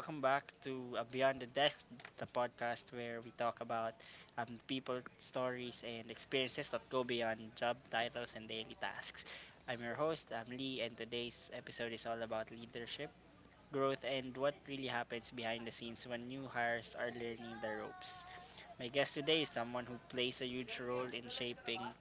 Welcome back to Beyond the Desk, the podcast where we talk about people, stories, and experiences that go beyond job titles and daily tasks. I'm your host, I'm Lee, and today's episode is all about leadership, growth, and what really happens behind the scenes when new hires are learning the ropes. My guest today is someone who plays a huge role in shaping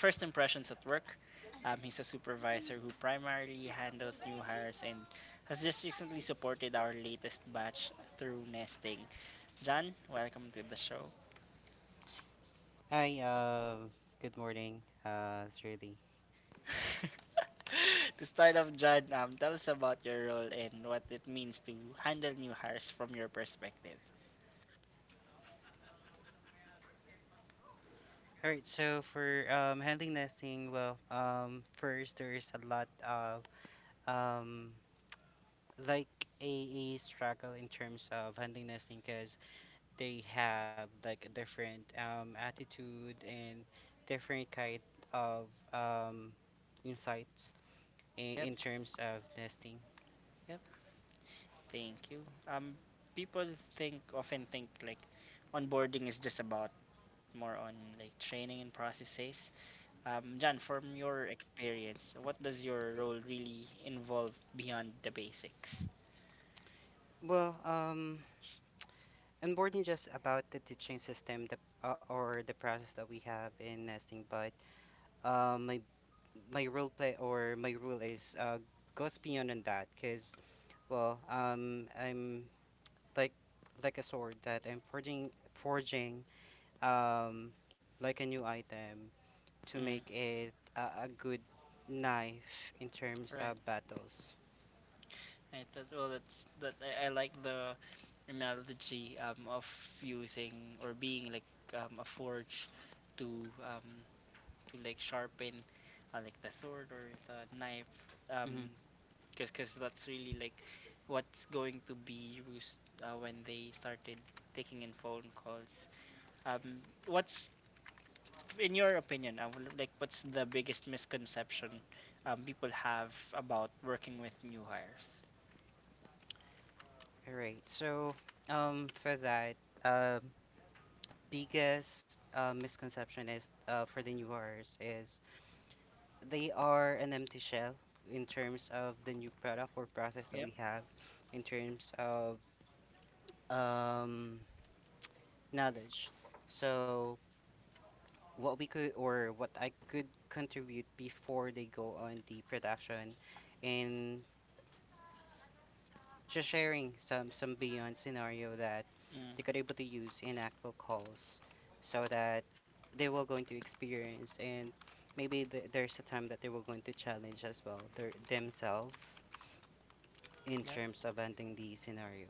first impressions at work. He's a supervisor who primarily handles new hires and has just recently supported our latest batch through nesting. John, welcome to the show. Hi, good morning, it's Shirley. To start off, John, tell us about your role and what it means to handle new hires from your perspective. All right, so for handling nesting, well, first there's a lot of um, like a struggle in terms of handling nesting because they have like a different attitude and different kind of um, insights in, Yep, in terms of nesting. yep. Thank you. Um, People think often think like onboarding is just about more on like training and processes. John, from your experience, what does your role really involve beyond the basics? Well, and more than just about the teaching system the, or the process that we have in nesting but uh, my my role play or my rule is goes beyond on that because well I'm like like a sword that I'm forging um like a new item to make Mm, it a good knife in terms of right. battles. I thought, well, that's that. I like the analogy of using or being like a forge to, um, to like sharpen like the sword or the knife, um, Mm-hmm. 'cause that's really like what's going to be used when they started taking in phone calls. What's In your opinion, like what's the biggest misconception people have about working with new hires? All right, so for that um biggest misconception is for the new newers is they are an empty shell in terms of the new product or process that we Yep. have in terms of um, knowledge. So what we could or what I could contribute before they go on the production and just sharing some beyond scenario that Mm, they could able to use in actual calls so that they were going to experience and maybe there's a time that they were going to challenge as well their themselves in yep. terms of ending the scenario.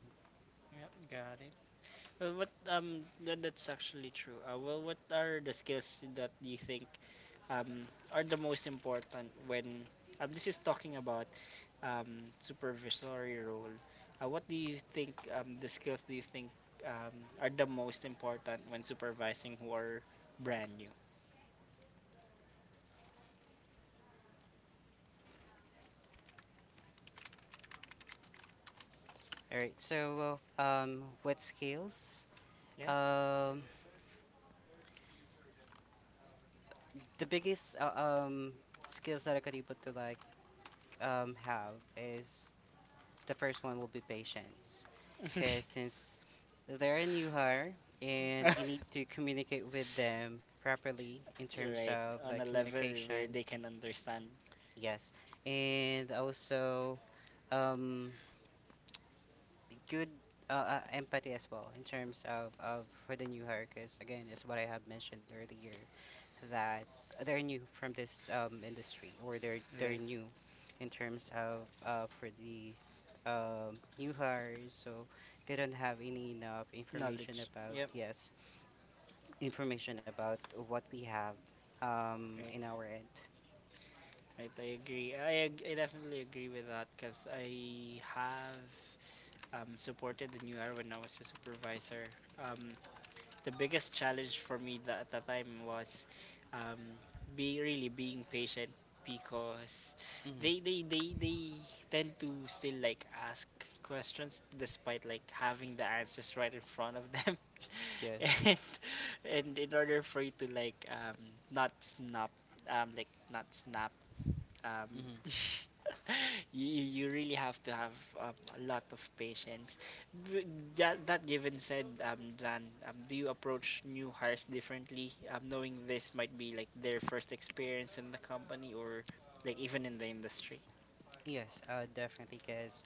Yep. Got it. Well, what that's actually true. Well, what are the skills that you think um are the most important when, this is talking about supervisory role? What do you think the skills do you think um are the most important when supervising who are brand new? All right, so what skills, Yeah. um the biggest skills that I could able to like have is the first one will be patience because since they're a new hire and you need to communicate with them properly in terms Right, of like on a level communication. where they can understand. Yes, and also um, good uh, empathy as well in terms of for the new hire because again, it's what I have mentioned earlier that they're new from this industry or they're Right. new in terms of for the new hires, so they don't have any enough information Knowledge, about, yep. yes, information about what we have Right, in our end. right, I agree. I definitely agree with that because I have supported the new era when I was a supervisor. um, the biggest challenge for me at that time was, um, be really being patient, because Hmm. they tend to still like ask questions despite like having the answers right in front of them. Yes. And in order for you to like not snap, like not snap, um Hmm. you really have to have a lot of patience. B- that that given said, Jan, do you approach new hires differently, knowing this might be like their first experience in the company or like even in the industry? Yes, definitely. Because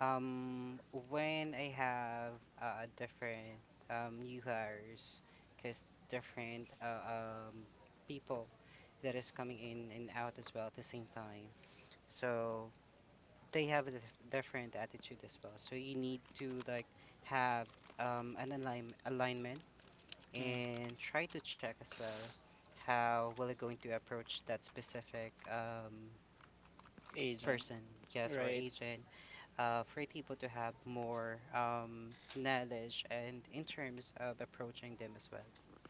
um, when I have different new hires, because different people that is coming in and out as well at the same time. So they have a different attitude as well. So you need to like have an alignment Mm, and try to check as well how will it going to approach that specific agent, person, yes, or right? agent, for it able to have more knowledge and in terms of approaching them as well.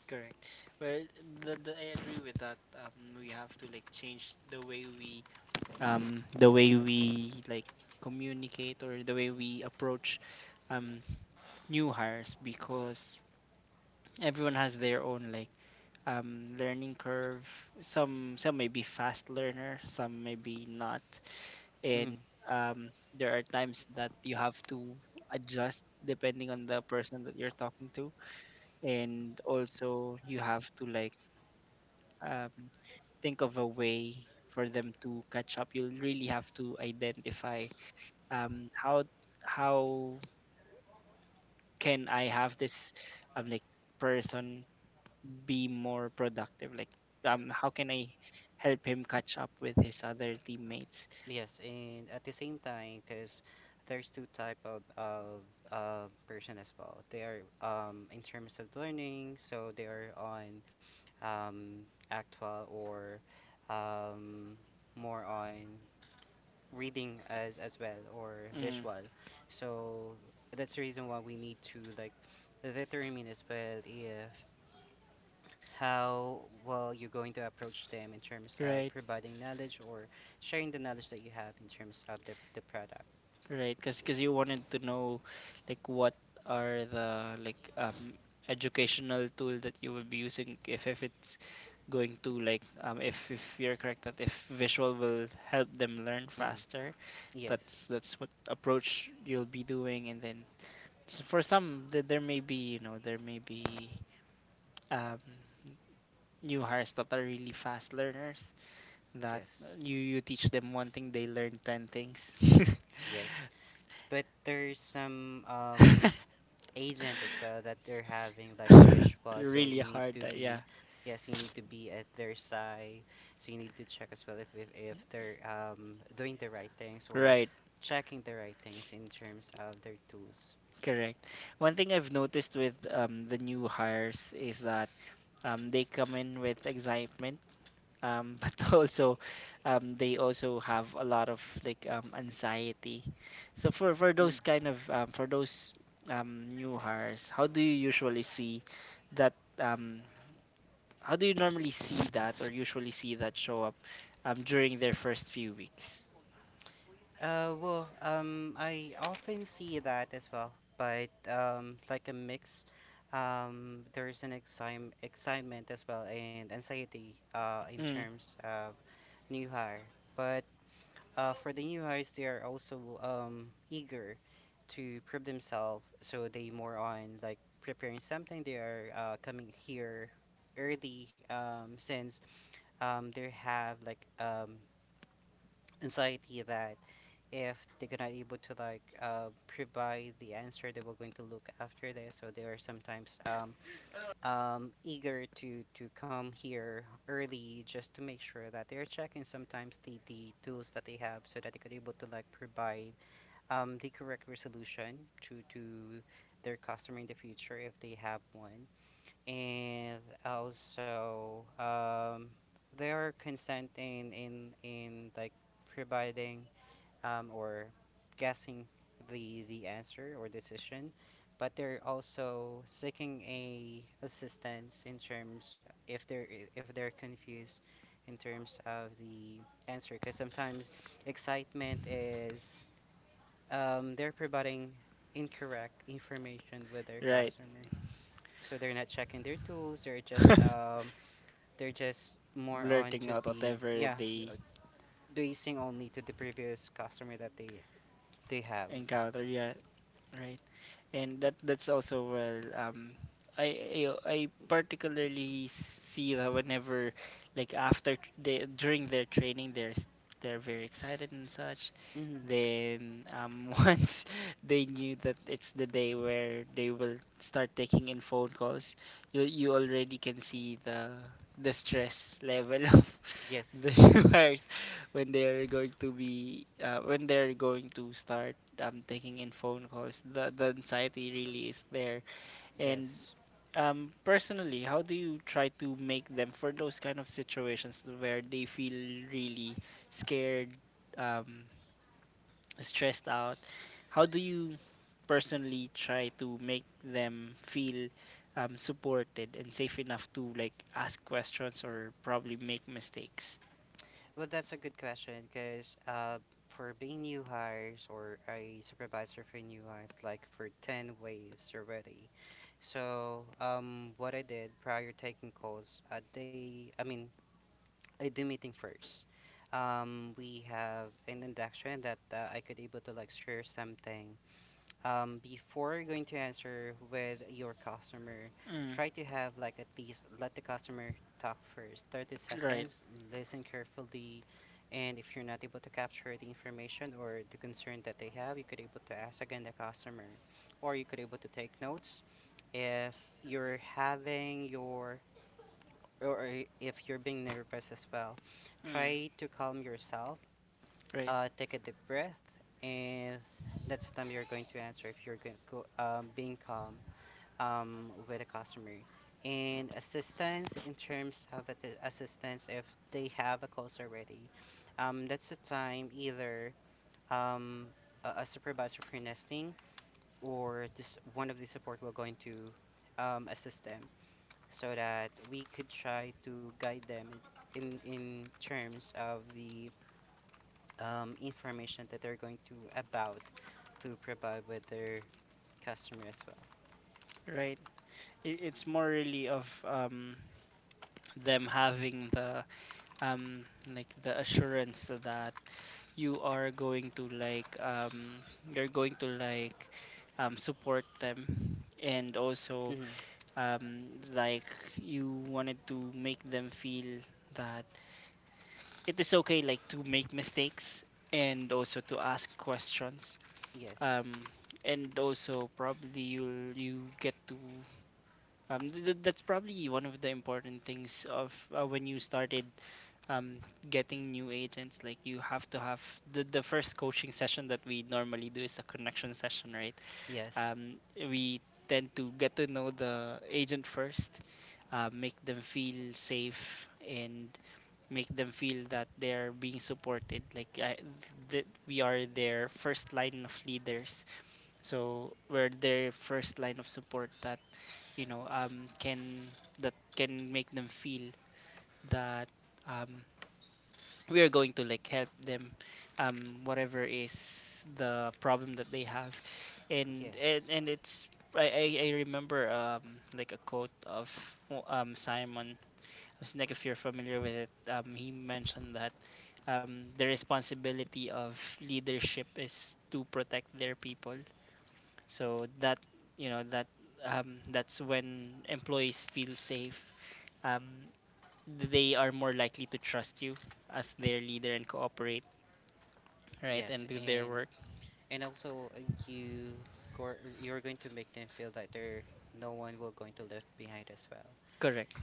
Correct. Well, I agree with that. We have to like change the way we, the way we like communicate or the way we approach um, new hires, because everyone has their own like learning curve. Some may be fast learner, some may be not, and Hmm. um, there are times that you have to adjust depending on the person that you're talking to, and also you have to like um, think of a way for them to catch up. You'll really have to identify how how can I have this like person be more productive, like how can I help him catch up with his other teammates. Yes, and at the same time, because there's two type of person as well. They are in terms of learning, so they are on um, actual or um, more on reading as well or Mm, visual, so that's the reason why we need to like determine as well if how well you're going to approach them in terms of right. providing knowledge or sharing the knowledge that you have in terms of the product. Right, because you wanted to know like what are the like educational tool that you will be using, if it's going to like, if you're correct, that if visual will help them learn Hmm. faster, that's Yes. What approach you'll be doing. And then so for some, there may be, you know, there may be um, new hires that are really fast learners. That Yes. You teach them one thing, they learn ten things. Yes, but there's some agent as well that they're having like a visual so Really you need hard, to yeah. be, yes, you need to be at their side, so you need to check as well if they're doing the right things or Right, checking the right things in terms of their tools. correct. One thing I've noticed with the new hires is that they come in with excitement, but also they also have a lot of like anxiety. So for those Mm. kind of for those new hires, how do you usually see that? Um, how do you normally see that or usually see that show up during their first few weeks? Well I often see that as well but like a mix. There's an excitement as well and anxiety in Mm, terms of new hire but, for the new hires, they are also eager to prove themselves. So they more on like preparing something. They are coming here early since they have like anxiety that if they're not able to like provide the answer, they were going to look after this. So they are sometimes eager to come here early just to make sure that they're checking sometimes the tools that they have so that they could able to like provide the correct resolution to their customer in the future if they have one, and also they are consent in like providing or guessing the answer or decision, but they're also seeking a assistance in terms if they're, if they're confused in terms of the answer because sometimes excitement is they're providing incorrect information with their right. customer. So they're not checking their tools. They're just more on to Blurting out the, whatever yeah, uh, they basing only to the previous customer that they have. encounter. Yeah, right. And that's also well. I particularly see that whenever like after they during their training they're very excited and such. Hmm. Then once they knew that it's the day where they will start taking in phone calls, you already can see the stress level of the Yes, viewers, when they are going to be when they're going to start taking in phone calls. The anxiety really is there. And yes. Personally, how do you try to make them for those kind of situations where they feel really scared? Um, Stressed out, how do you personally try to make them feel supported and safe enough to like ask questions or probably make mistakes? Well, that's a good question because for being new hires or a supervisor for new hires, like for ten waves already. So what I did prior taking calls, they I mean I do meeting first. We have an induction that I could able to like share something. Before going to answer with your customer, Mm, try to have like at least let the customer talk first, 30 right. seconds, listen carefully, and if you're not able to capture the information or the concern that they have, you could able to ask again the customer, or you could able to take notes. If you're having your or if you're being nervous as well, Mm, try to calm yourself. right. Take a deep breath, and that's the time you're going to answer if you're going go, being calm with a customer. And assistance in terms of the assistance if they have a calls already, that's the time either um, a supervisor for nesting or just one of the support will going to assist them so that we could try to guide them in terms of the information that they're going to about to provide with their customer as well. Right. It's more really of them having the um, like the assurance that you are going to like, you're going to like support them, and also Hmm. um, like you wanted to make them feel that it is okay like to make mistakes and also to ask questions, Yes, um, and also probably you'll you get to that's probably one of the important things of when you started um, getting new agents. Like you have to have the first coaching session that we normally do is a connection session, right? yes, We tend to get to know the agent first, make them feel safe and make them feel that they're being supported, like that we are their first line of leaders, so we're their first line of support that, you know, can, that can make them feel that um, we are going to like help them um, whatever is the problem that they have. And yes, and it's, I remember like a quote of Simon. Was Like if you're familiar with it, he mentioned that the responsibility of leadership is to protect their people. So that you know that that's when employees feel safe. Um, they are more likely to trust you as their leader and cooperate, right, yes, and do their work. and also you go, you're going to make them feel that there no one will going to left behind as well. Correct.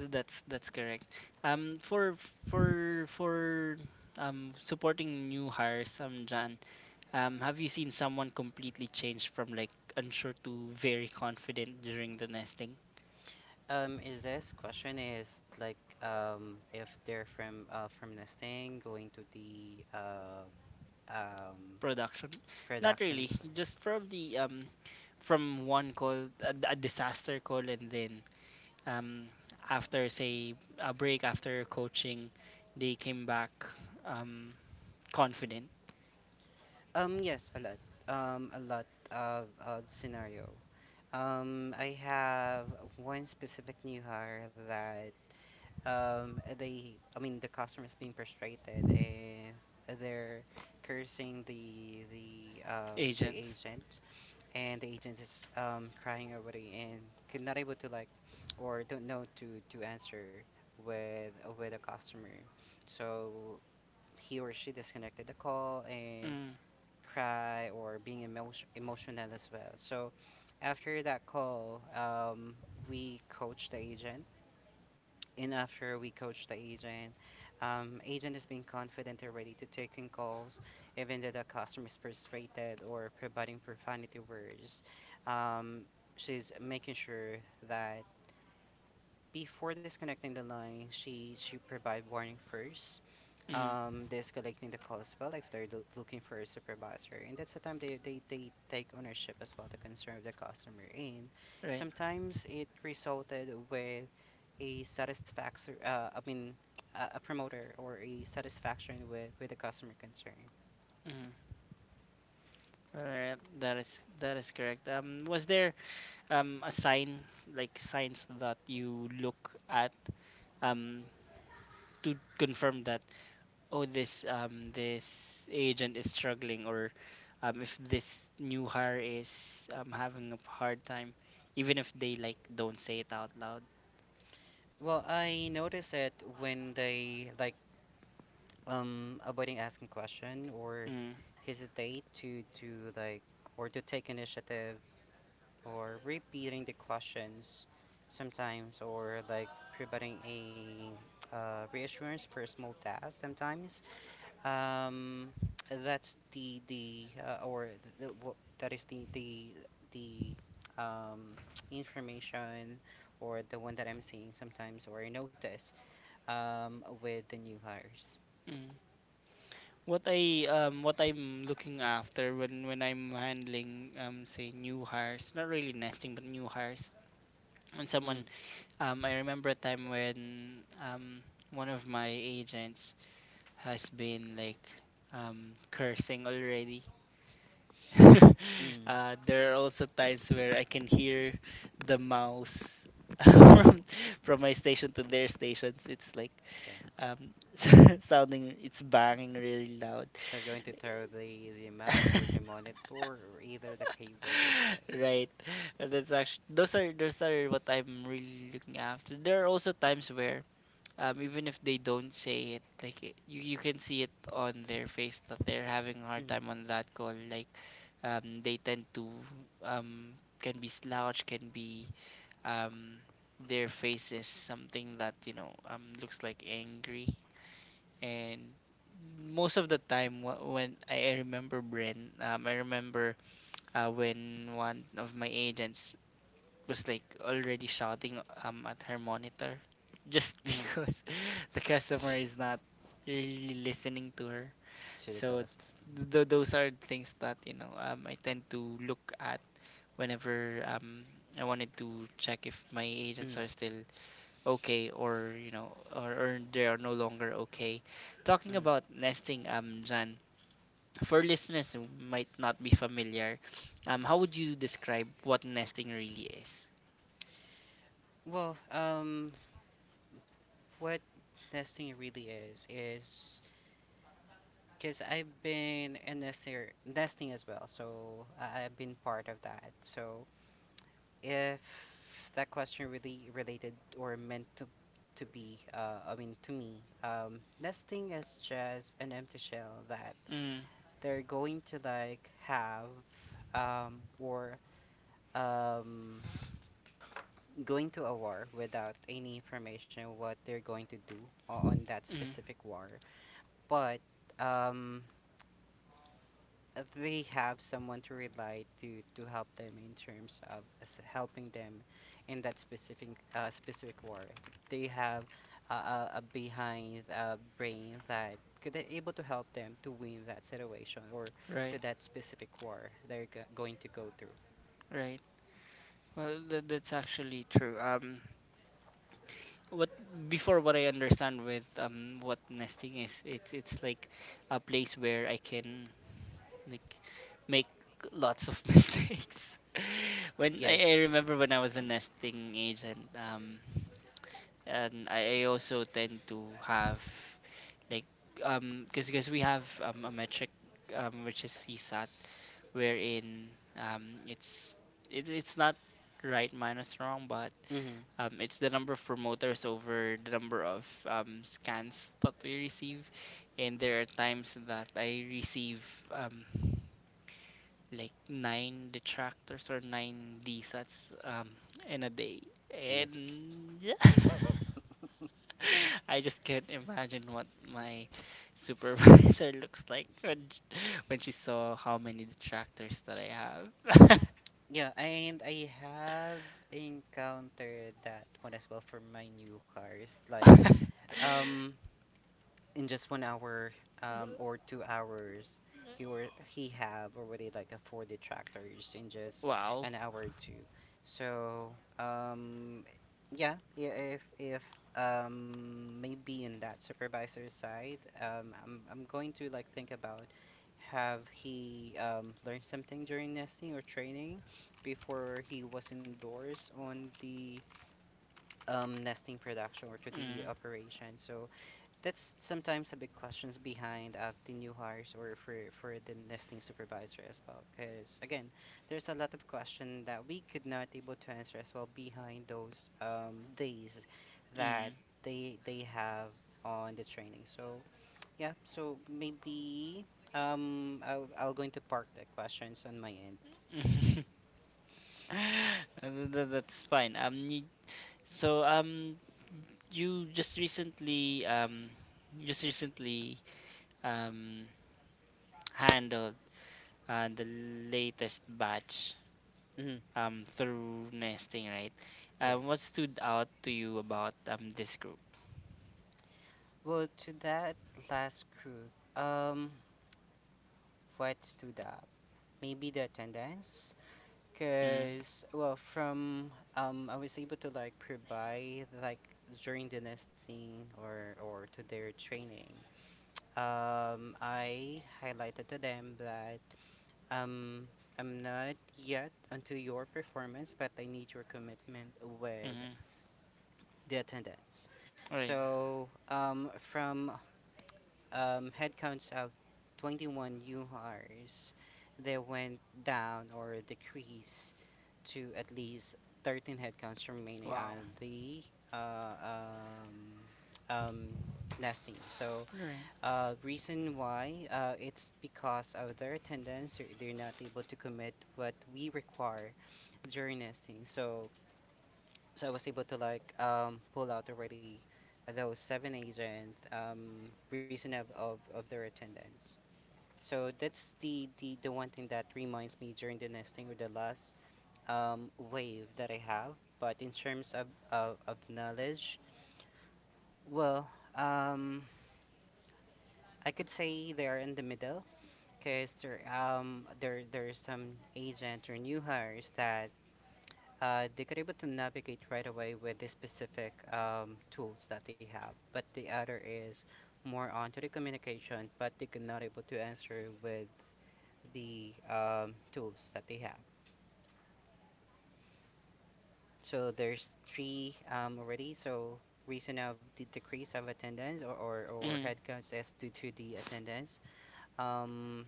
That's correct. For for for supporting new hires, Jan. Have you seen someone completely change from like unsure to very confident during the nesting Is this question is like if they're from nesting going to the um, production? Not production really. plan. Just probably from one call, a disaster call, and then um, after say a break after coaching, they came back um, confident Yes, a lot. A lot of scenario. I have one specific new hire that I mean, the customer is being frustrated and they're cursing the agents. agent and the agent is crying over it and could not able to like or don't know to answer with with a customer. So he or she disconnected the call and Mm, cry or being emotional as well. So after that call, we coach the agent. And after we coach the agent, agent is being confident and ready to taking calls, even though the customer is frustrated or providing profanity words. Um, she's making sure that before disconnecting the line, she provide warning first, mm, this collecting the calls well if they're looking for a supervisor and that's the time they take ownership as well the concern of the customer and right. sometimes it resulted with a satisfaction, I mean a promoter or a satisfaction with the customer concern. Mm. Alright, that is correct. Was there a sign, like signs that you look at um, to confirm that, oh, this this agent is struggling, or if this new hire is having a hard time, even if they like don't say it out loud. Well I notice it when they like avoiding asking question or Mm, hesitate to like or to take initiative or repeating the questions sometimes or like providing a reassurance for a small task sometimes um, that's the or the, wha- that is the um, information or the one that I'm seeing sometimes or I notice with the new hires. mm. What I what I'm looking after when I'm handling say new hires, not really nesting but new hires. When someone, Mm, I remember a time when one of my agents has been like cursing already. mm, There are also times where I can hear the mouse from my station to their stations. It's like yeah, um, sounding, it's banging really loud. they're going to throw the mouse or the monitor or either the keyboard as well. Right. But that's actually, those are what I'm really looking after. There are also times where even if they don't say it, you you can see it on their face that they're having a hard Mm-hmm. time on that call. Like they tend to um, can be slouch, can be um, their face is something that you know, looks like angry, and most of the time when I remember Bren, I remember when one of my agents was like already shouting at her monitor just Mm-hmm. because the customer is not really listening to her. To the So Council. it's, those are things that you know, I tend to look at whenever I wanted to check if my agents Mm, are still okay, or you know, or they are no longer okay. Talking mm. about nesting, Jan, for listeners who might not be familiar, how would you describe what nesting really is? Well, what nesting really is because I've been a nester nesting as well, so I've been part of that. So if that question really related or meant to be, I mean to me, nesting is just an empty shell that Mm, they're going to like have, or um going to a war without any information what they're going to do on that mm, specific war, but um they have someone to rely to help them in terms of as helping them in that specific specific war. They have a behind brain that could able to help them to win that situation or to right, that specific war they're going to go through, right. Well, that's actually true. What Before, what I understand with what nesting is, it's like a place where I can like make lots of mistakes. When I yes. remember when I was a nesting age, and I also tend to have like because we have a metric which is CSAT, wherein um it's it, it's not right minus wrong, but Mm-hmm. It's the number of promoters over the number of scans that we receive. And there are times that I receive um, like nine detractors or nine DSATs in a day. And yeah, I just can't imagine what my supervisor looks like when she saw how many detractors that I have. Yeah, and I have encountered that one as well for my new cars. Like, um, in just 1 hour or 2 hours he have already like a four detractors in just Wow. an hour or two, so um yeah, if maybe in that supervisor side, I'm going to like think about have he learned something during nesting or training before he was endorsed on the nesting production or to the Mm, operation. So that's sometimes a big questions behind the new hires, or for the listing supervisor as well. Because again, there's a lot of question that we could not able to answer as well behind those days that they have on the training. So yeah, so maybe I'll going to park the questions on my end. mm. That's fine. So, you just recently um, you just recently um, handled the latest batch Mhm. Through nesting, right? What stood Yes. out to you about this group? Well, to that last group, what stood out? Maybe the attendance. Mm-hmm. Cause well, from I was able to like provide, like, during the nesting or to their training. I highlighted to them that um, I'm not yet onto your performance, but I need your commitment with Mm-hmm. the attendance. Right. So from headcounts of 21 new hires, they went down or decreased to at least 13 headcounts remaining Wow. on the uh, um, um, nesting. So, Right. Reason why it's because of their attendance, they're not able to commit what we require during nesting. So, I was able to like pull out already those seven A's, and reason of their attendance. So that's the, the one thing that reminds me during the nesting or the last wave that I have. But in terms of of knowledge, well, um I could say they are in the middle, because there are some agents or new hires that they could able to navigate right away with the specific tools that they have. But the other is more onto the communication, but they could not able to answer with the tools that they have. So there's three already. So reason of the decrease of attendance, or Mm-hmm. headcounts, is due to the attendance. Um,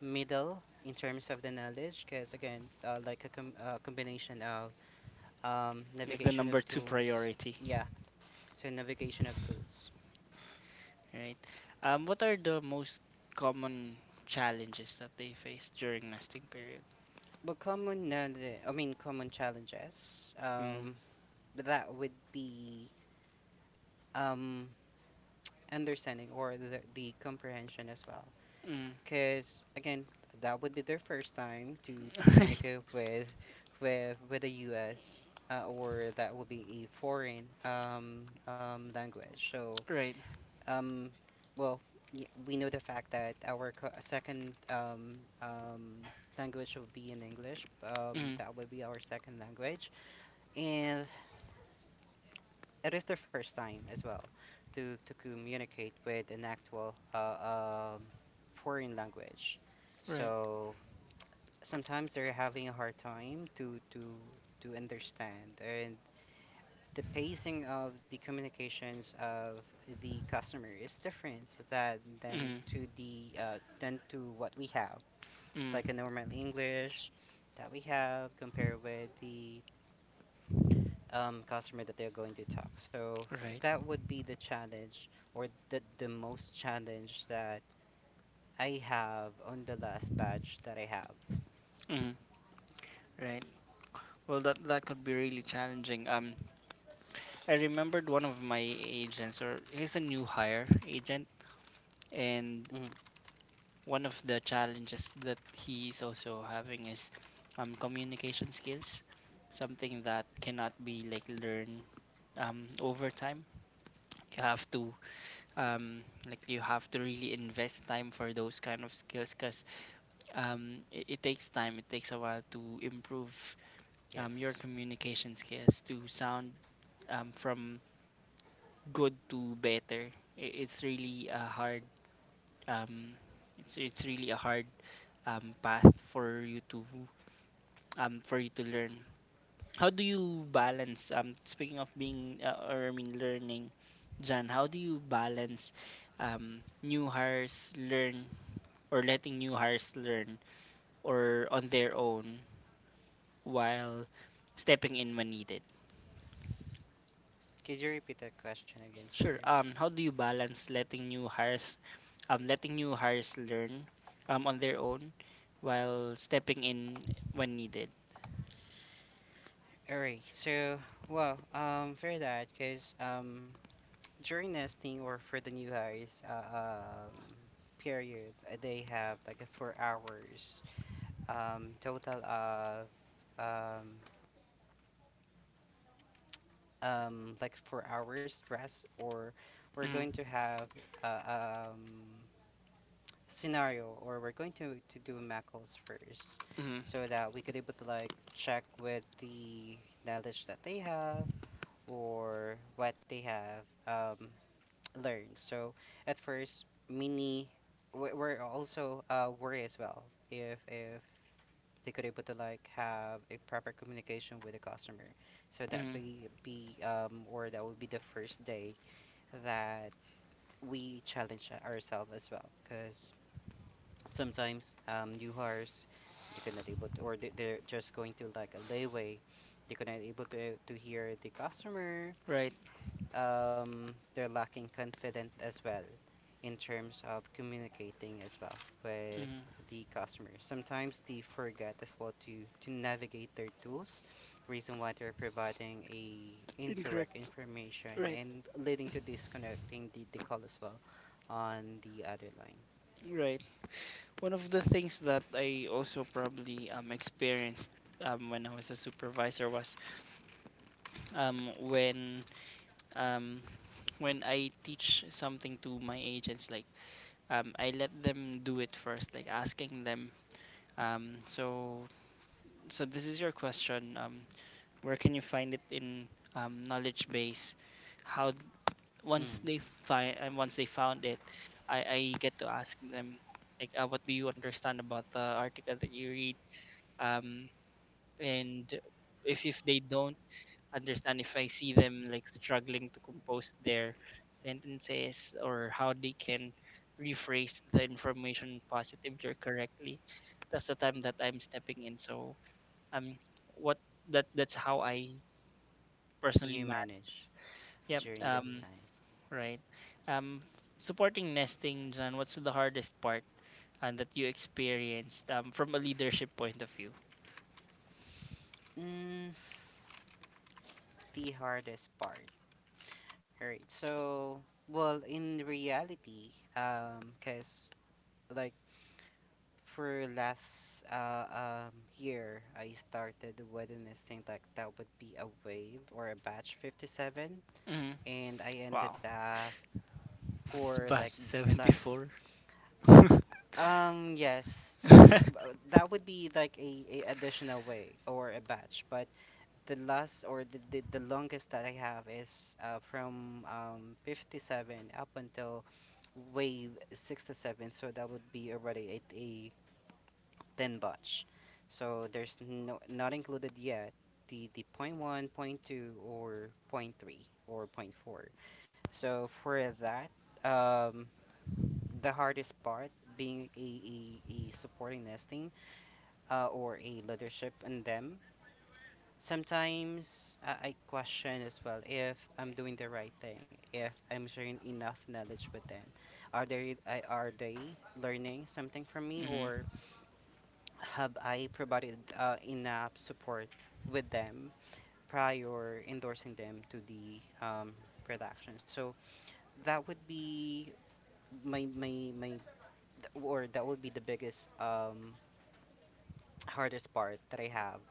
middle in terms of the knowledge, because again, like a combination of Like the navigation number of two tools, priority, yeah, so navigation of tools. right? What are the most common challenges that they face during nesting period? But common, I mean common challenges. Mm, That would be um understanding or the, comprehension as well. mm. Because again, that would be their first time to Right, communicate with with the U.S. Or that would be a foreign language. So, right, Um, well, we know the fact that our second um, language will be in English. Mm, That will be our second language, and it is the first time as well to communicate with an actual foreign language. right. So sometimes they're having a hard time to understand, and the pacing of the communications of the customer is different that than Mm, to the than to what we have, mm, like a normal English that we have compared with the customer that they're going to talk. So right. that would be the challenge, or the, most challenge that I have on the last batch that I have. Mm, right. Well, that that could be really challenging. I remembered one of my agents, or he's a new hire agent, and Mhm. one of the challenges that he's also having is communication skills, something that cannot be like learned over time. You have to um, like you have to really invest time for those kind of skills because it takes time. It takes a while to improve your Yes. communication skills to sound from good to better. It's really a hard um it's really a hard path for you to learn. How do you balance speaking of being or I mean learning Jan, how do you balance new hires learn, or letting new hires learn or on their own while stepping in when needed? Could you repeat that question again, sir? Sure. How do you balance letting new hires, letting new hires learn on their own while stepping in when needed? All right, so well, for that, because during nesting or for the new hires, period, they have like a 4 hours total of um, like 4 hours rest, or we're going Mm. to have uh, um, scenario, or we're going to do macros first, Mm, so that we could able to like check with the knowledge that they have or what they have. Learn. So at first, many were also worried as well, if they could able to like have a proper communication with the customer. So that mm, be or that would be the first day that we challenge ourselves as well, because sometimes new hires, they could not able to, or they're just going to like a layway, they could not able to hear the customer. right. Um, they're lacking confident as well in terms of communicating as well with Mm, the customers. Sometimes they forget as well to, navigate their tools, reason why they're providing a incorrect incorrect. information Right. and leading to disconnecting the, call as well on the other line. Right. One of the things that I also probably experienced when I was a supervisor was um when um when I teach something to my agents, like I let them do it first, like asking them, um so so, this is your question. Where can you find it in knowledge base? How, Mm, once they find and once they found it, I get to ask them, like what do you understand about the article that you read? Um, and if they don't understand, if I see them like struggling to compose their sentences or how they can rephrase the information positively or correctly, that's the time that I'm stepping in. So um, what that that's how I personally you manage. manage Yep. during that time. right. Um, supporting nesting, John, what's the hardest part that you experienced from a leadership point of view? Mm, the hardest part. Alright, so well, in reality, cause, like, for last year, I started within this thing, like, that would be a wave or a batch 57, Hmm. and I ended Wow. up It's for like batch last 74. Yes, so Hmm. That would be like a additional way or a batch, but the last or the, the longest that I have is from 57 up until wave 67, so that would be already at a then batch. So there's not included yet the point one, point two, or point three or point four. So for that, um, the hardest part, being a supporting nesting, or a leadership in them. Sometimes I question as well if I'm doing the right thing, if I'm sharing enough knowledge with them. Are they are they learning something from me, or have I provided enough support with them prior endorsing them to the production? So that would be my my my or that would be the biggest hardest part that I have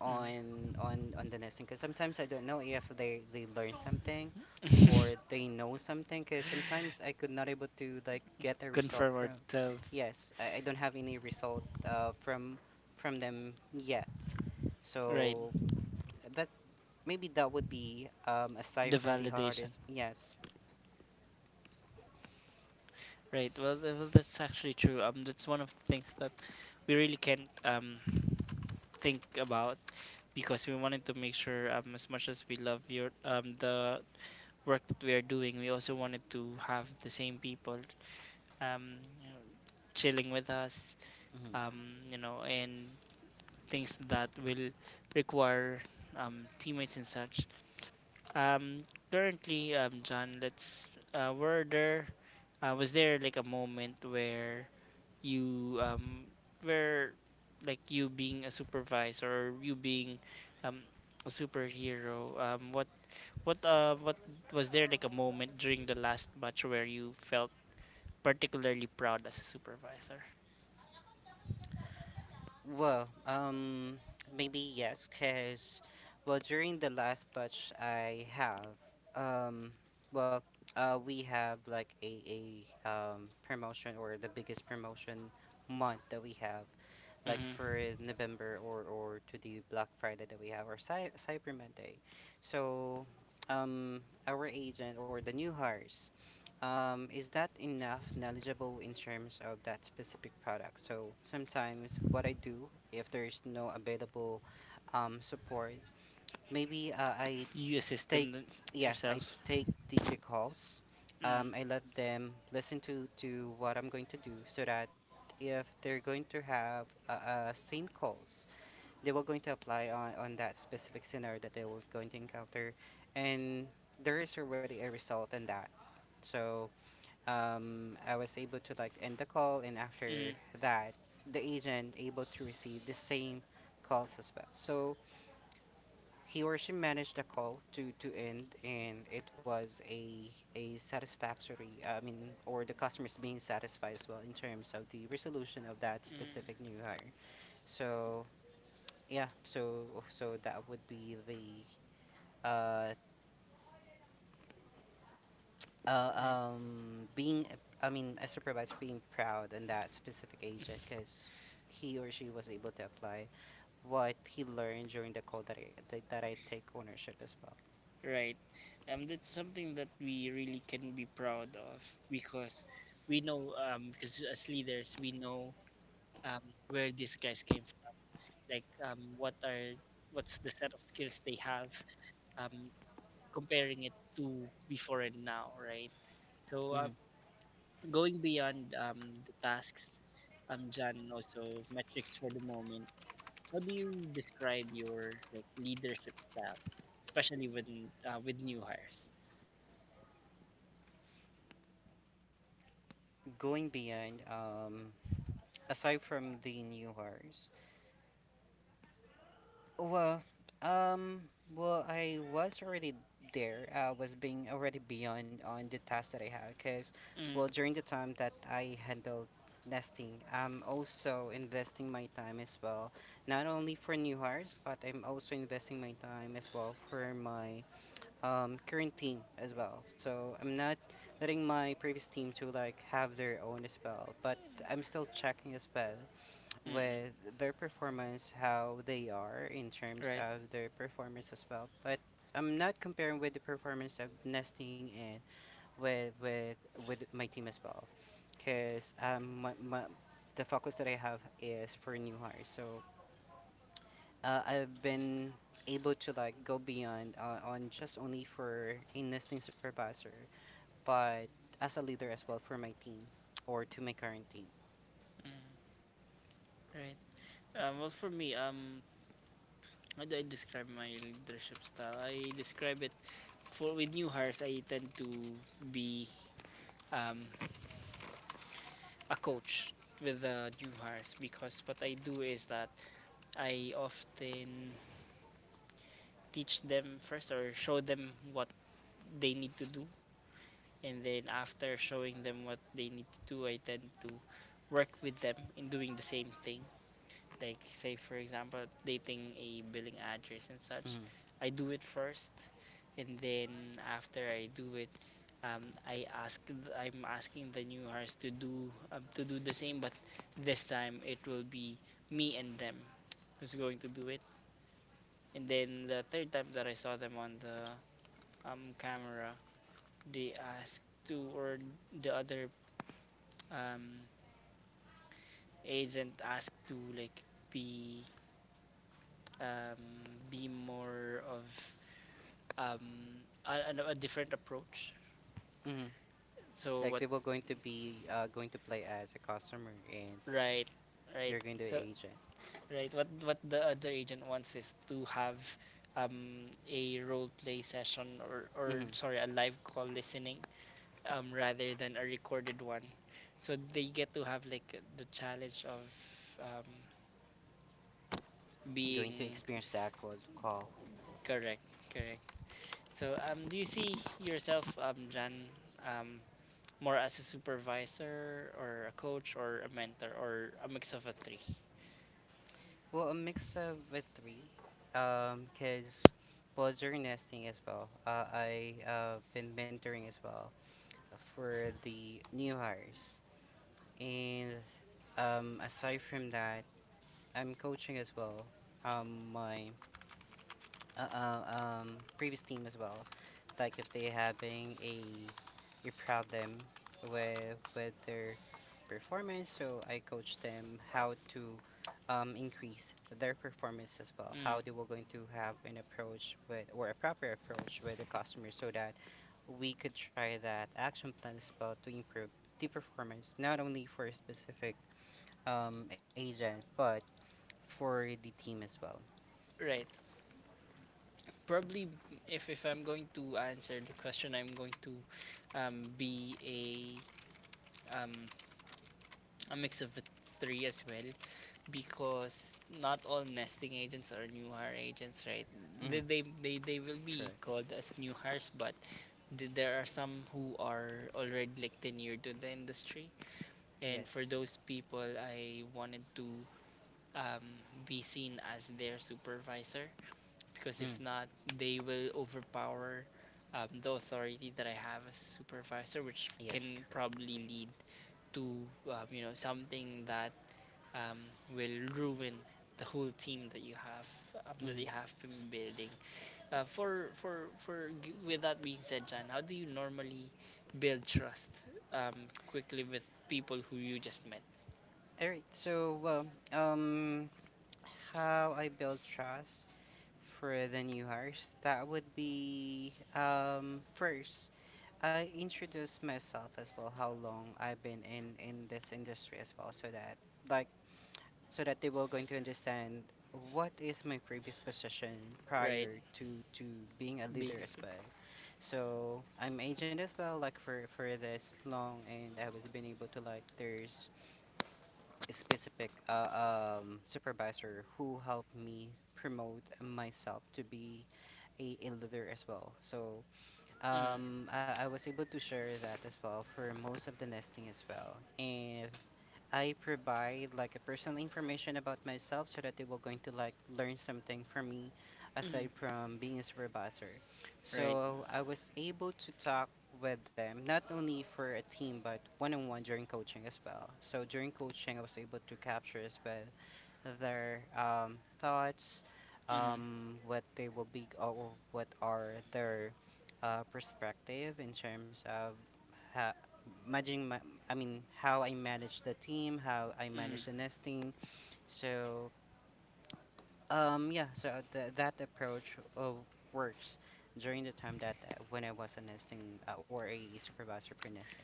on the nesting, because sometimes I don't know if they learn something or they know something, because sometimes I could not able to like get a result Confirm or from. tell. Yes, I don't have any result from them yet, Right. so that maybe that would be aside The from the hardest, validation. yes. Right. Well, well, that's actually true. That's one of the things that we really can't think about, because we wanted to make sure as much as we love your the work that we are doing, we also wanted to have the same people, you know, chilling with us, Mm-hmm. You know, and things that will require, teammates and such. Um, currently, John, let's were there was there like a moment where you, where like you being a supervisor or you being um, a superhero, what was there like a moment during the last match where you felt particularly proud as a supervisor? Well, maybe yes, cause well, during the last batch I have, um, well, we have like a promotion, or the biggest promotion month that we have, like Mm-hmm. for November, or to the Black Friday that we have, or Cyber Monday. So, our agent or the new hires, is that enough knowledgeable in terms of that specific product? So sometimes what I do, if there's no available support, maybe I You assist them take yes, I yourself. take the, calls. Um, Mm, I let them listen to what I'm going to do, so that if they're going to have same calls, they were going to apply on, that specific scenario that they were going to encounter, and there is already a result in that. So I was able to like end the call, and mm, after that, the agent able to receive the same calls as well, so he or she managed the call to, end, and it was a satisfactory. I mean, or the customers being satisfied as well in terms of the resolution of that specific mm, new hire. So yeah, so that would be the uh, uh right. Being I mean, a supervisor being proud on that specific agent, because he or she was able to apply what he learned during the call that I take ownership as well. Right. That's something that we really can be proud of because we know because as leaders we know um where these guys came from, like what's the set of skills they have um comparing it to before and now, right? So Mhm. um, going beyond the tasks, John, and also metrics for the moment, how do you describe your like leadership style, especially with, with new hires? Going beyond aside from the new horse. Well, um, well, I was already there. I was being already beyond on the task that I had, because, Mm, well, during the time that I handled nesting, I'm also investing my time as well, not only for new hires, but I'm also investing my time as well for my current team as well. So I'm not letting my previous team to like have their own as well, but I'm still checking as well mm-mm, with their performance, how they are in terms right. of their performance as well. But I'm not comparing with the performance of nesting and with my team as well, because my the focus that I have is for new hires. So I've been able to like go beyond on just only for a nesting supervisor, but as a leader as well for my team or to my current team. Mm, right. Well, for me, how do I describe my leadership style? I describe it for with new hires. I tend to be um, a coach with the new hires because what I do is that I often teach them first or show them what they need to do. And then after showing them what they need to do, I tend to work with them in doing the same thing. Like, say, for example, dating a billing address and such. Mm-hmm. I do it first. And then after I do it, um, I ask, I'm asking the new hires to do, to do the same, but this time it will be me and them who's going to do it. And then the third time that I saw them on the camera, they ask to, or the other um, agent ask to like be, um, be more of um, a different approach. Mm-hmm. So Like what? they were going to be going to play as a customer, and Right, right. you're going to be So an agent. right, what the other agent wants is to have a role play session, or or Hmm. sorry, a live call listening, rather than a recorded one. So they get to have like the challenge of um, Going to being. experience the actual call. Correct, correct. So, do you see yourself, Jan, um, more as a supervisor or a coach or a mentor or a mix of a three? Well, a mix of the three. Cause well, during nesting as well, I been mentoring as well for the new hires, and aside from that, I'm coaching as well. My previous team as well. Like if they having a problem with their performance, so I coach them how to increase their performance as well. Mm, How they were going to have an approach with, or a proper approach with the customer, so that we could try that action plan as well to improve the performance not only for a specific agent but for the team as well. right. Probably, if I'm going to answer the question, I'm going to be um, a mix of the three as well. Because not all nesting agents are new hire agents, right? Hmm. They will be Correct. called as new hires, but there are some who are already like tenured to the industry, and for Yes. those people, I wanted to um, be seen as their supervisor, because if Mm. not, they will overpower the authority that I have as a supervisor, which Yes, can correct. probably lead to you know, something that um, will ruin the whole team that you Mm-hmm. have been building. With that being said, Jan, how do you normally build trust quickly with people who you just met, All right. So, um, how I build trust for the new hires, that would be first I introduce myself as well, how long I've been in this industry as well, so that like so that they will going to understand what is my previous position right? prior to being a Being leader a as super, well. So I'm agent as well, like for this long, and I was been able to like there's specific supervisor who helped me promote myself to be a leader as well. So mm, I was able to share that as well for most of the nesting as well. And I provide like a personal information about myself so that they will going to like learn something from me mm, aside from being a supervisor. right, So I was able to talk with them not only for a team but one on one during coaching as well. So during coaching I was able to capture as well their thoughts, mm, what they will be or what are their perspective in terms of ha- managing. I mean, how I manage the team, how I mm, manage the nesting. So yeah, so that approach works during the time that when I was a nesting or a supervisor for nesting.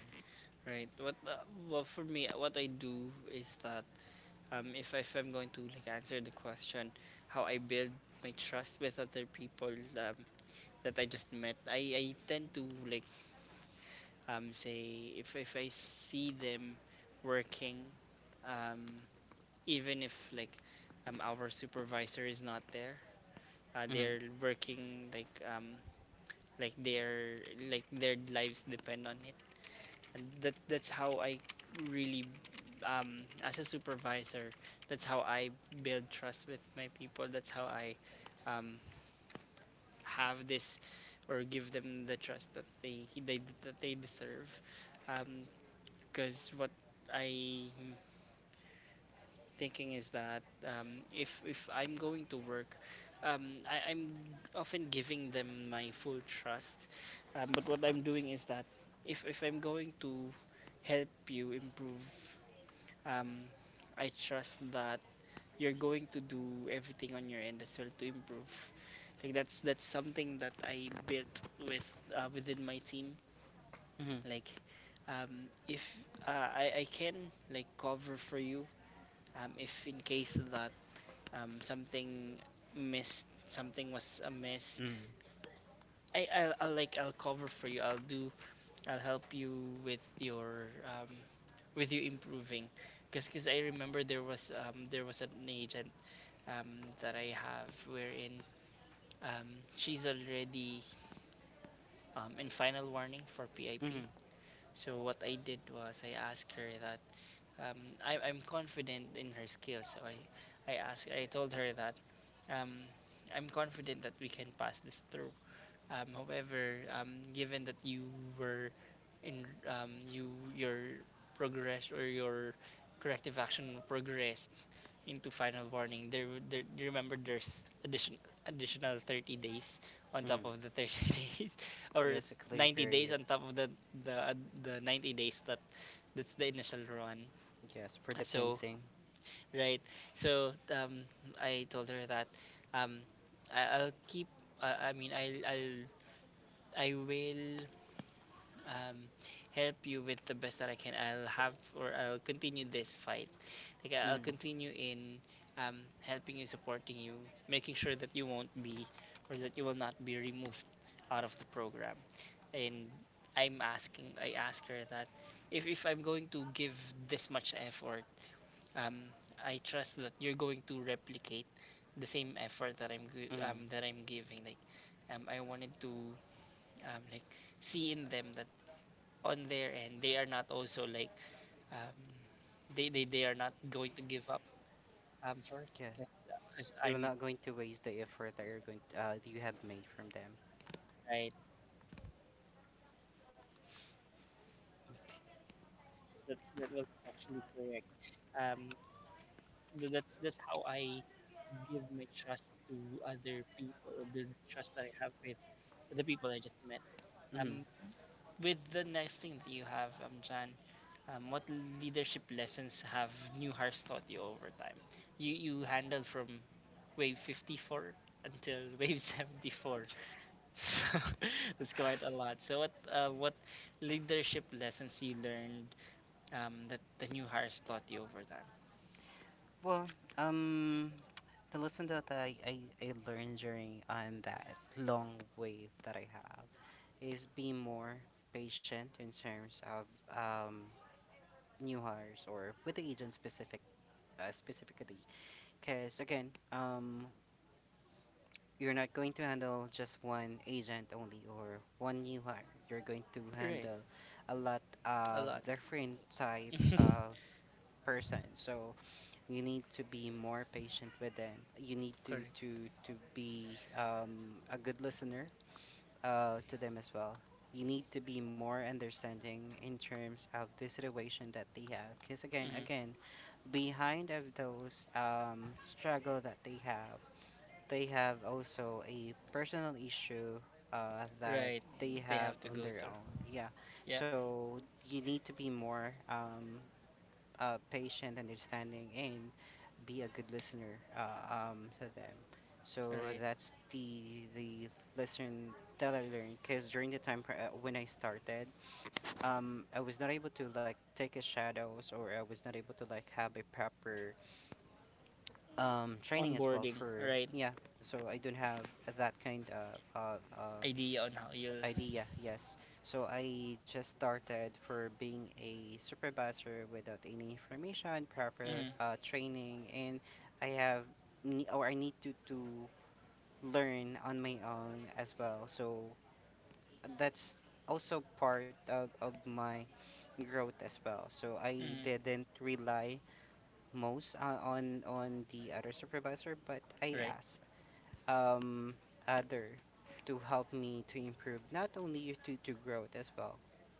right. What well for me, what I do is that if if I'm going to like answer the question, how I build my trust with other people um, that I just met, I tend to like say if I see them working, um, even if like our supervisor is not there, Mm-hmm. they're working like their like their lives depend on it, and that that's how I really as a supervisor, that's how I build trust with my people. That's how I um, have this or give them the trust that they deserve. Um, Because what I'm thinking is that if I'm going to work, I'm often giving them my full trust. But what I'm doing is that if I'm going to help you improve, um, I trust that you're going to do everything on your end as well to improve. Like that's something that I built with, within my team. Mm-hmm. Like if I I can like cover for you, if in case that um, something something was amiss, Mm-hmm. I'll like I'll cover for you. I'll help you with your with you improving, because cause 'cause I remember there was an agent that I have wherein um, she's already in final warning for Mm-hmm. PIP. So what I did was I asked her that um, I'm confident in her skills. So I told her that, um, I'm confident that we can pass this through. However, given that you were in, you your progress or your corrective action progressed into final warning, there, you remember there's additional 30 days on Mm-hmm. top of the 30 days or Yes, a clean 90 days period. on top of the the the 90 days. That that's the initial run. Yes, for the So, cleansing. right. So I told her that, um, I, I'll keep. I mean, I'll I will um, help you with the best that I can. I'll have or I'll continue this fight. Like Mm. I'll continue in helping you, supporting you, making sure that you won't be or that you will not be removed out of the program. And I ask her that if I'm going to give this much effort, um, I trust that you're going to replicate the same effort Mm. That I'm giving. Like, I wanted to like see in them that on their end they are not also like um, they are not going to give up first Yeah. because They were I'm not going to waste the effort that you're going that you have made from them. right. Okay. That's that was actually correct. Um, that's that's how I give my trust to other people or build trust that I have with the people I just met. Mm. Um, With the next thing that you have, Jan, what leadership lessons have new hires taught you over time? You handled from wave 54 until wave 74, so that's quite a lot. So what leadership lessons you learned, that the new hires taught you over time? Well, um, the lesson that I learned during on that long wave that I have is be more patient in terms of um, new hires or with the agent specific specifically. Because again, you're not going to handle just one agent only or one new hire. You're going to handle Right, a lot of a lot. different type of person. So you need to be more patient with them. You need to Correct. to to be a good listener to them as well. You need to be more understanding in terms of the situation that they have. Because again, Hmm. again, behind of those struggle that they have also a personal issue that Right, they they have have to on go their through. own. Yeah. Yep. So you need to be more patient, understanding, and be a good listener to them. So Right. that's the lesson that I learned. Because during the time when I started, I was not able to like take a shadows, or I was not able to like have a proper training as well Onboarding. for Right. yeah. So I don't have that kind of Idea on how you'll. idea. Yes. So I just started for being a supervisor without any information, proper Mm-hmm. Training, and I have or I need to learn on my own as well. So that's also part of my growth as well. So I Mm-hmm. didn't rely most on the other supervisor, but I Right, asked um, other to help me to improve not only to growth as well,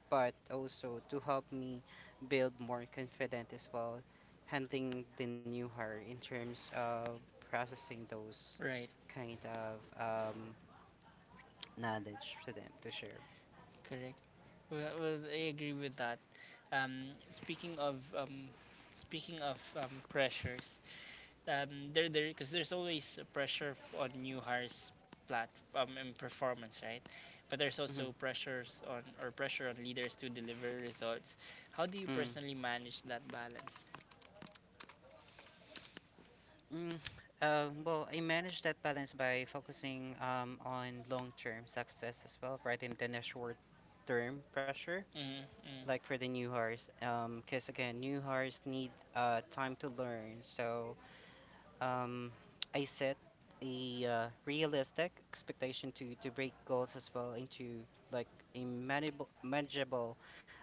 but also to help me build more confident as well, handling the new hire in terms of processing those right, kind of um, knowledge to them to share. correct. Well, I agree with that. Um, speaking of um, speaking of pressures, there because there's always a pressure on new hires plat, and performance, right? But there's also Hmm. pressures on or pressure on leaders to deliver results. How do you Mm. personally manage that balance? Mm. Well, I manage that balance by focusing on long-term success as well, rather than the short-term pressure Mm-hmm, like for the new hires because again new hires need time to learn so um I set a realistic expectation to break goals as well into like a manageable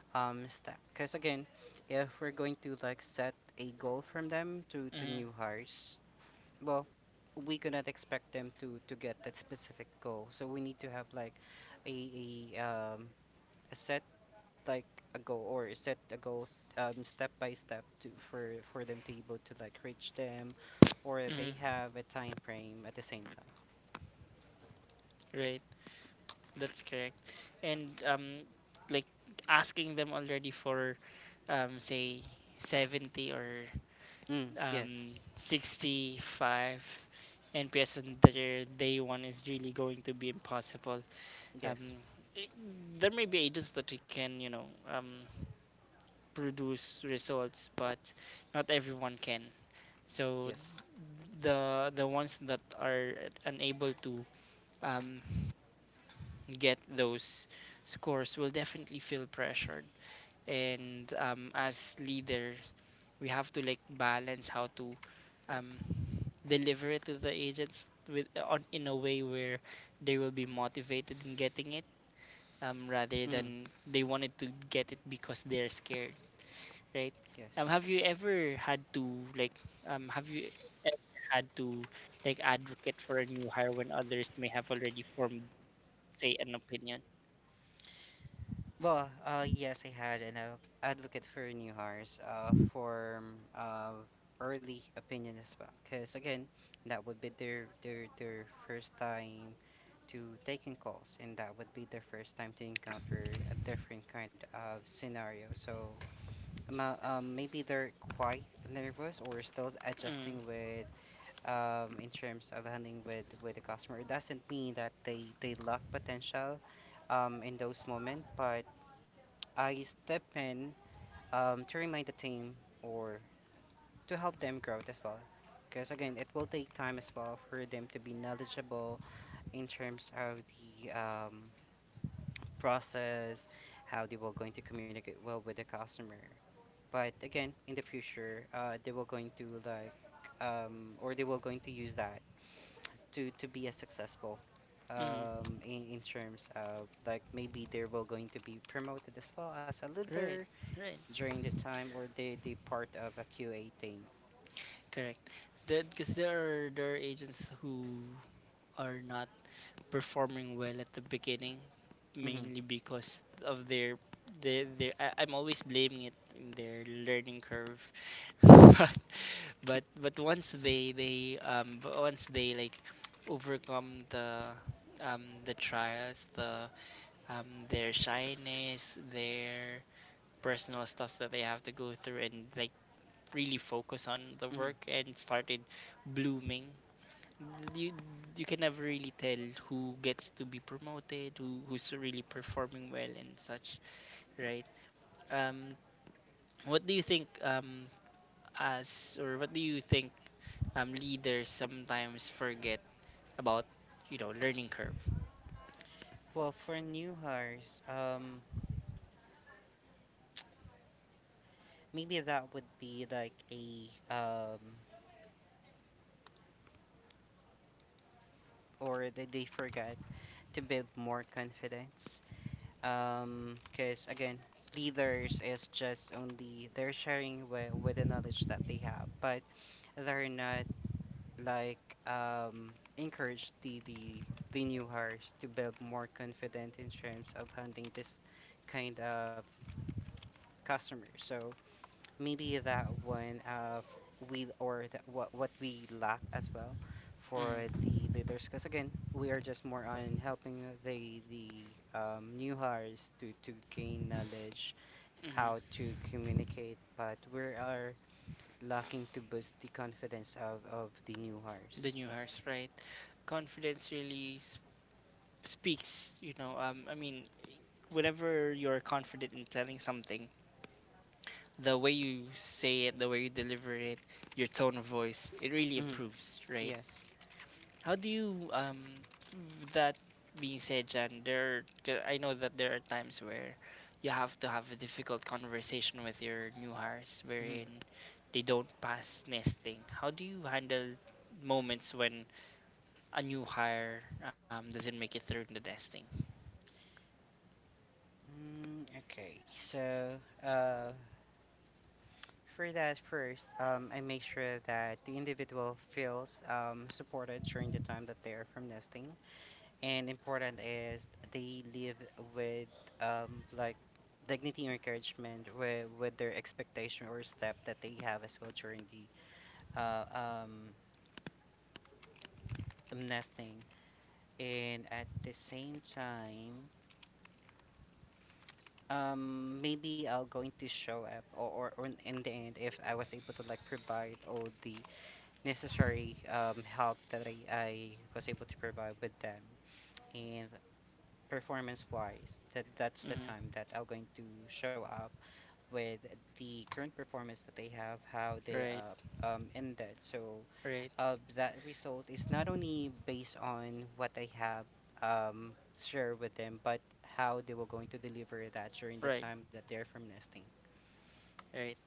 step because again if we're going to like set a goal from them to mm-hmm, new hires well we cannot expect them to get that specific goal so we need to have like a, a um a set like a goal or set a goal step by step to for them to able to like reach them, or they mm-hmm. have a time frame at the same time. Right, that's correct. And like asking them already for, say 70 or, Mm, um, yes, 65 NPS on their day one is really going to be impossible. yes, Um, i- there may be agents that we can, you know, produce results, but not everyone can. So yes, the ones that are unable to, um, get those scores will definitely feel pressured and, as leader we have to like balance how to, um, deliver it to the agents with on in a way where they will be motivated in getting it, rather mm, than they wanted to get it because they're scared, right. Um yes. have you ever had to like have you ever had to like advocate for a new hire when others may have already formed, say, an opinion. Well, yes, I had an advocate for new hires, for early opinion as well. Cause again, that would be their first time to taking calls, and that would be their first time to encounter a different kind of scenario. So maybe they're quite nervous or still adjusting Mm, with in terms of handling with the customer. It doesn't mean that they lack potential in those moments, but I step in to remind the team or to help them grow it as well. Because again, it will take time as well for them to be knowledgeable in terms of the process, how they were going to communicate well with the customer. But again, in the future, they were going to like, or they were going to use that to be as successful. mm, In terms of like maybe they were going to be promoted as well as a leader right, right, during the time, or they part of a QA team. correct. Because there are agents who are not performing well at the beginning, Hmm. mainly because of their I'm always blaming it in their learning curve, but but once they but once they like overcome the, the trials, the, their shyness, their personal stuffs that they have to go through and like really focus on the Hmm. work and started blooming, you you can never really tell who gets to be promoted, who's really performing well and such, right? Um, what do you think um what do you think, leaders sometimes forget about, you know, learning curve? Well, for new hires, maybe that would be like a or that they forgot to build more confidence. Because again, leaders is just only they're sharing with the knowledge that they have, but they're not like encourage the new hires to build more confident in terms of handling this kind of customer. So maybe that one of we or that what we lack as well for Mm, the leaders because again we are just more on helping the new hires to gain knowledge how mm, to communicate but we are lacking to boost the confidence of the new the hires. new hires, right? Confidence really s- speaks, you know. I mean, whenever you're confident in telling something, the way you say it, the way you deliver it, your tone of voice, it really Hmm. improves, right? Yes. How do you with that being said, Jan, there, 'cause I know that there are times where you have to have a difficult conversation with your new hires wherein Hmm. they don't pass nesting. How do you handle moments when a new hire, doesn't make it through the nesting? Okay, so uh, for that first, I make sure that the individual feels supported during the time that they're from nesting. And important is they live with um, like dignity and encouragement with their expectation or step that they have as well during the uh, um, nesting. And at the same time, maybe I'll going to show up or in the end if I was able to like provide all the necessary help that I was able to provide with them. And performance wise, that that's the time Mm-hmm. that I'm going to show up with the current performance that they have, how they Right, ended. So right, that result is not only based on what I have um, shared with them, but how they were going to deliver that during the right, time that they're from nesting. right.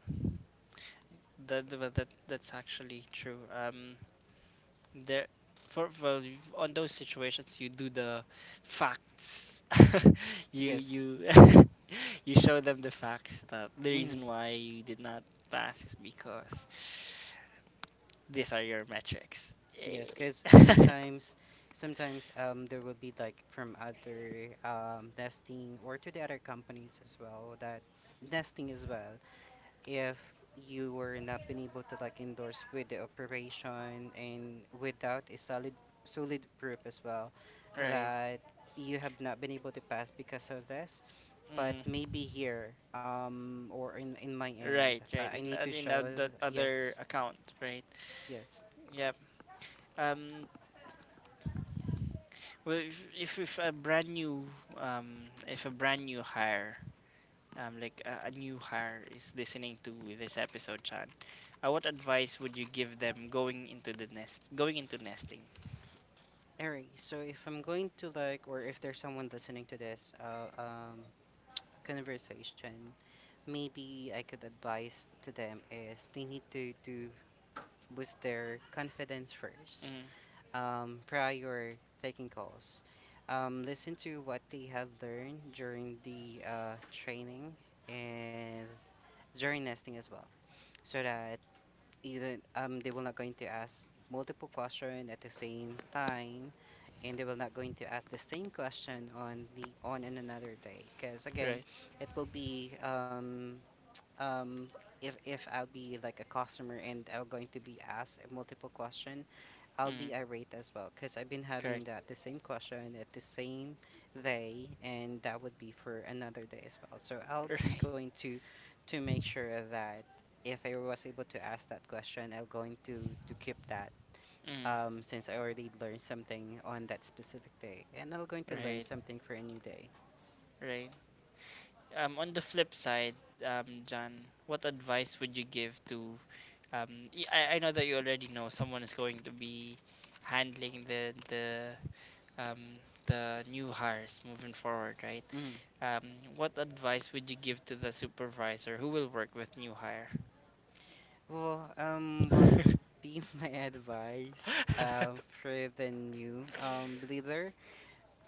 That's actually true. There For, on those situations you do the facts. you Yes. you You show them the facts, that the Mhm. reason why you did not pass is because these are your metrics. Yes, Yay. because sometimes, sometimes there will be like from other nesting or to the other companies as well that nesting as well. If you were not been able to like endorse with the operation and without a solid proof as well Right. that you have not been able to pass because of this. But Hmm. maybe here or in my end, Right, right I in, need to show that other yes. account, right. Yes. Yep. Um well if a brand new if a brand new hire, like a new hire, is listening to this episode, Chan, what advice would you give them going into the nest, going into nesting? Alright, so if I'm going to like, or if there's someone listening to this conversation, maybe I could advise to them is they need to boost their confidence first Mm, prior taking calls. Listen to what they have learned during the training and during nesting as well, so that even they will not going to ask multiple question at the same time and they will not going to ask the same question on the on an another day because again right. it will be um if I'll be like a customer and I'm going to be asked a multiple question I'll Mm, be irate as well because I've been having correct. that the same question at the same day, and that would be for another day as well. So I'll be Right. going to make sure that if I was able to ask that question, I'll going to keep that Mm, since I already learned something on that specific day, and I'm going to learn right. something for a new day. Right. On the flip side, John, what advice would you give to, um? I know that you already know someone is going to be handling um, the new hires moving forward, right? Mm. Um, what advice would you give to the supervisor who will work with new hire? Well, what Mm, would be my advice for the new leader?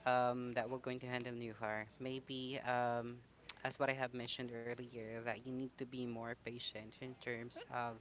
That we're going to handle new hire. Maybe, as what I have mentioned earlier, that you need to be more patient in terms of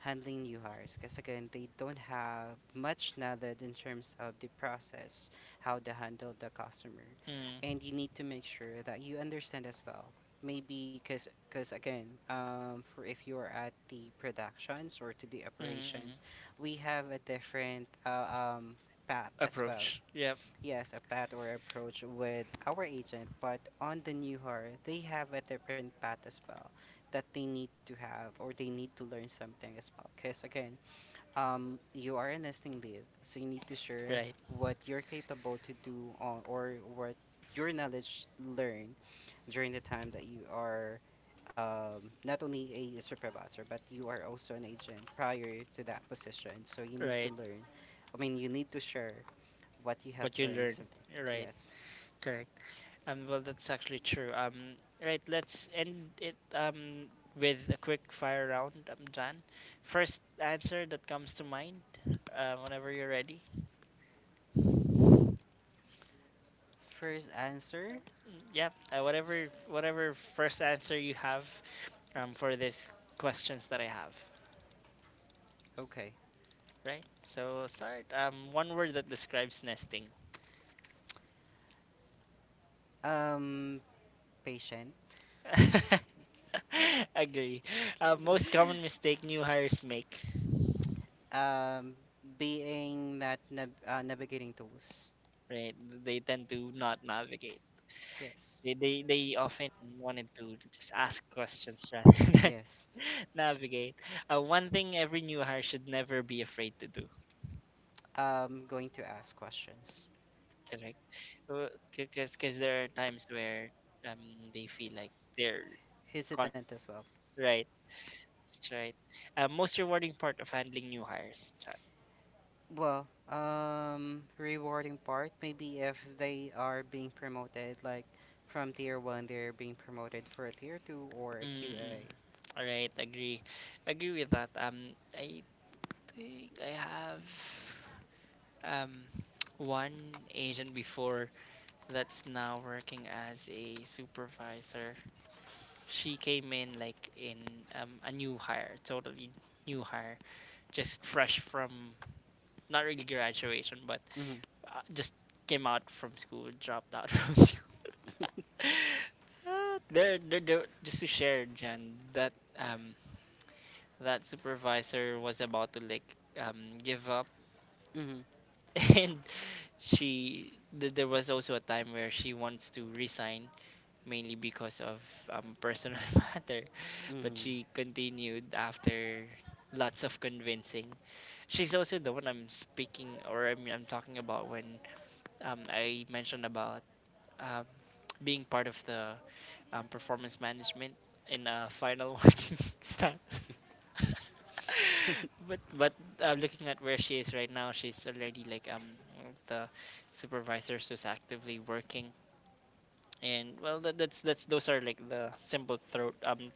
handling new hires, because again, they don't have much knowledge in terms of the process, how to handle the customer, mm, and you need to make sure that you understand as well. Maybe because again, for if you're at the productions or to the mm. operations, we have a different path as well. Approach. Yep. Yes, a path or approach with our agent, but on the new hire, they have a different path as well that they need to have or they need to learn something as well. Because again, you are a nesting lead, so you need to share Right. what you're capable to do on, or what your knowledge learned during the time that you are not only a supervisor, but you are also an agent prior to that position. So you need to Right. learn. I mean, you need to share what you have What you learned learn. something. Right. Yes. Correct. Well, that's actually true. Right. Let's end it. With a quick fire round. I'm done. First answer that comes to mind. Whenever you're ready. First answer. Mm, yeah, whatever first answer you have, for these questions that I have, Okay. right? So start, one word that describes nesting. Um, patient. Agree. Most common mistake new hires make, um, being that navigating tools. right? They tend to not navigate. Yes. They often wanted to just ask questions rather than Yes. navigate. One thing every new hire should never be afraid to do. Going to ask questions. Correct. Because there are times where, um they feel like they're con Hesitant as well. right, that's right. Most rewarding part of handling new hires, chat. Well, rewarding part maybe if they are being promoted, like from tier one, they're being promoted for a tier two or a Mm-mm. QA. All right, agree, agree with that. I think I have, um one agent before that's now working as a supervisor. She came in like in, a new hire, totally new hire, just fresh from not really graduation, but Mm-hmm. Just came out from school, dropped out from school. Just to share, Jen, that, um, that supervisor was about to like, give up, Mm-hmm. and there was also a time where she wants to resign mainly because of, personal matter, but Mm-hmm. she continued after lots of convincing. She's also the one I'm speaking or I'm talking about when, I mentioned about, um, being part of the, performance management in a final working status. But looking at where she is right now, she's already like, one of the supervisors who's actively working. And well, that's those are like the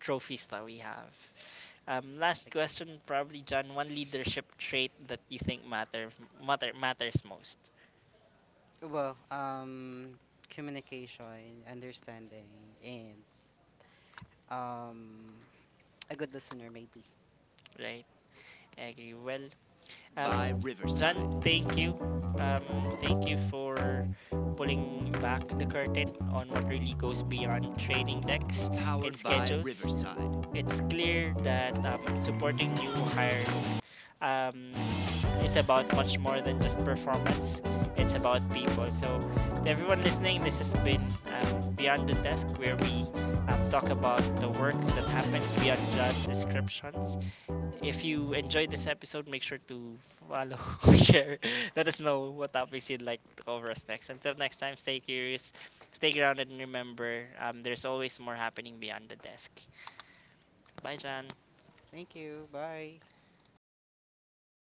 trophies that we have. Last Agree. question, probably John. One leadership trait that you think matters most, Well, communication, understanding, and um, a good listener, maybe. right? I agree. Well, um, John, thank you. Thank you for pulling back the curtain on what really goes beyond training decks and schedules. It's clear that, supporting new hires, um, is about much more than just performance. It's about people. So, to everyone listening, this has been, Beyond the Desk, where we, talk about the work that happens beyond job descriptions. If you enjoyed this episode, make sure to follow, share, let us know what topics you'd like to cover us next. Until next time, stay curious, stay grounded, and remember, there's always more happening beyond the desk. Bye, John. Thank you. Bye.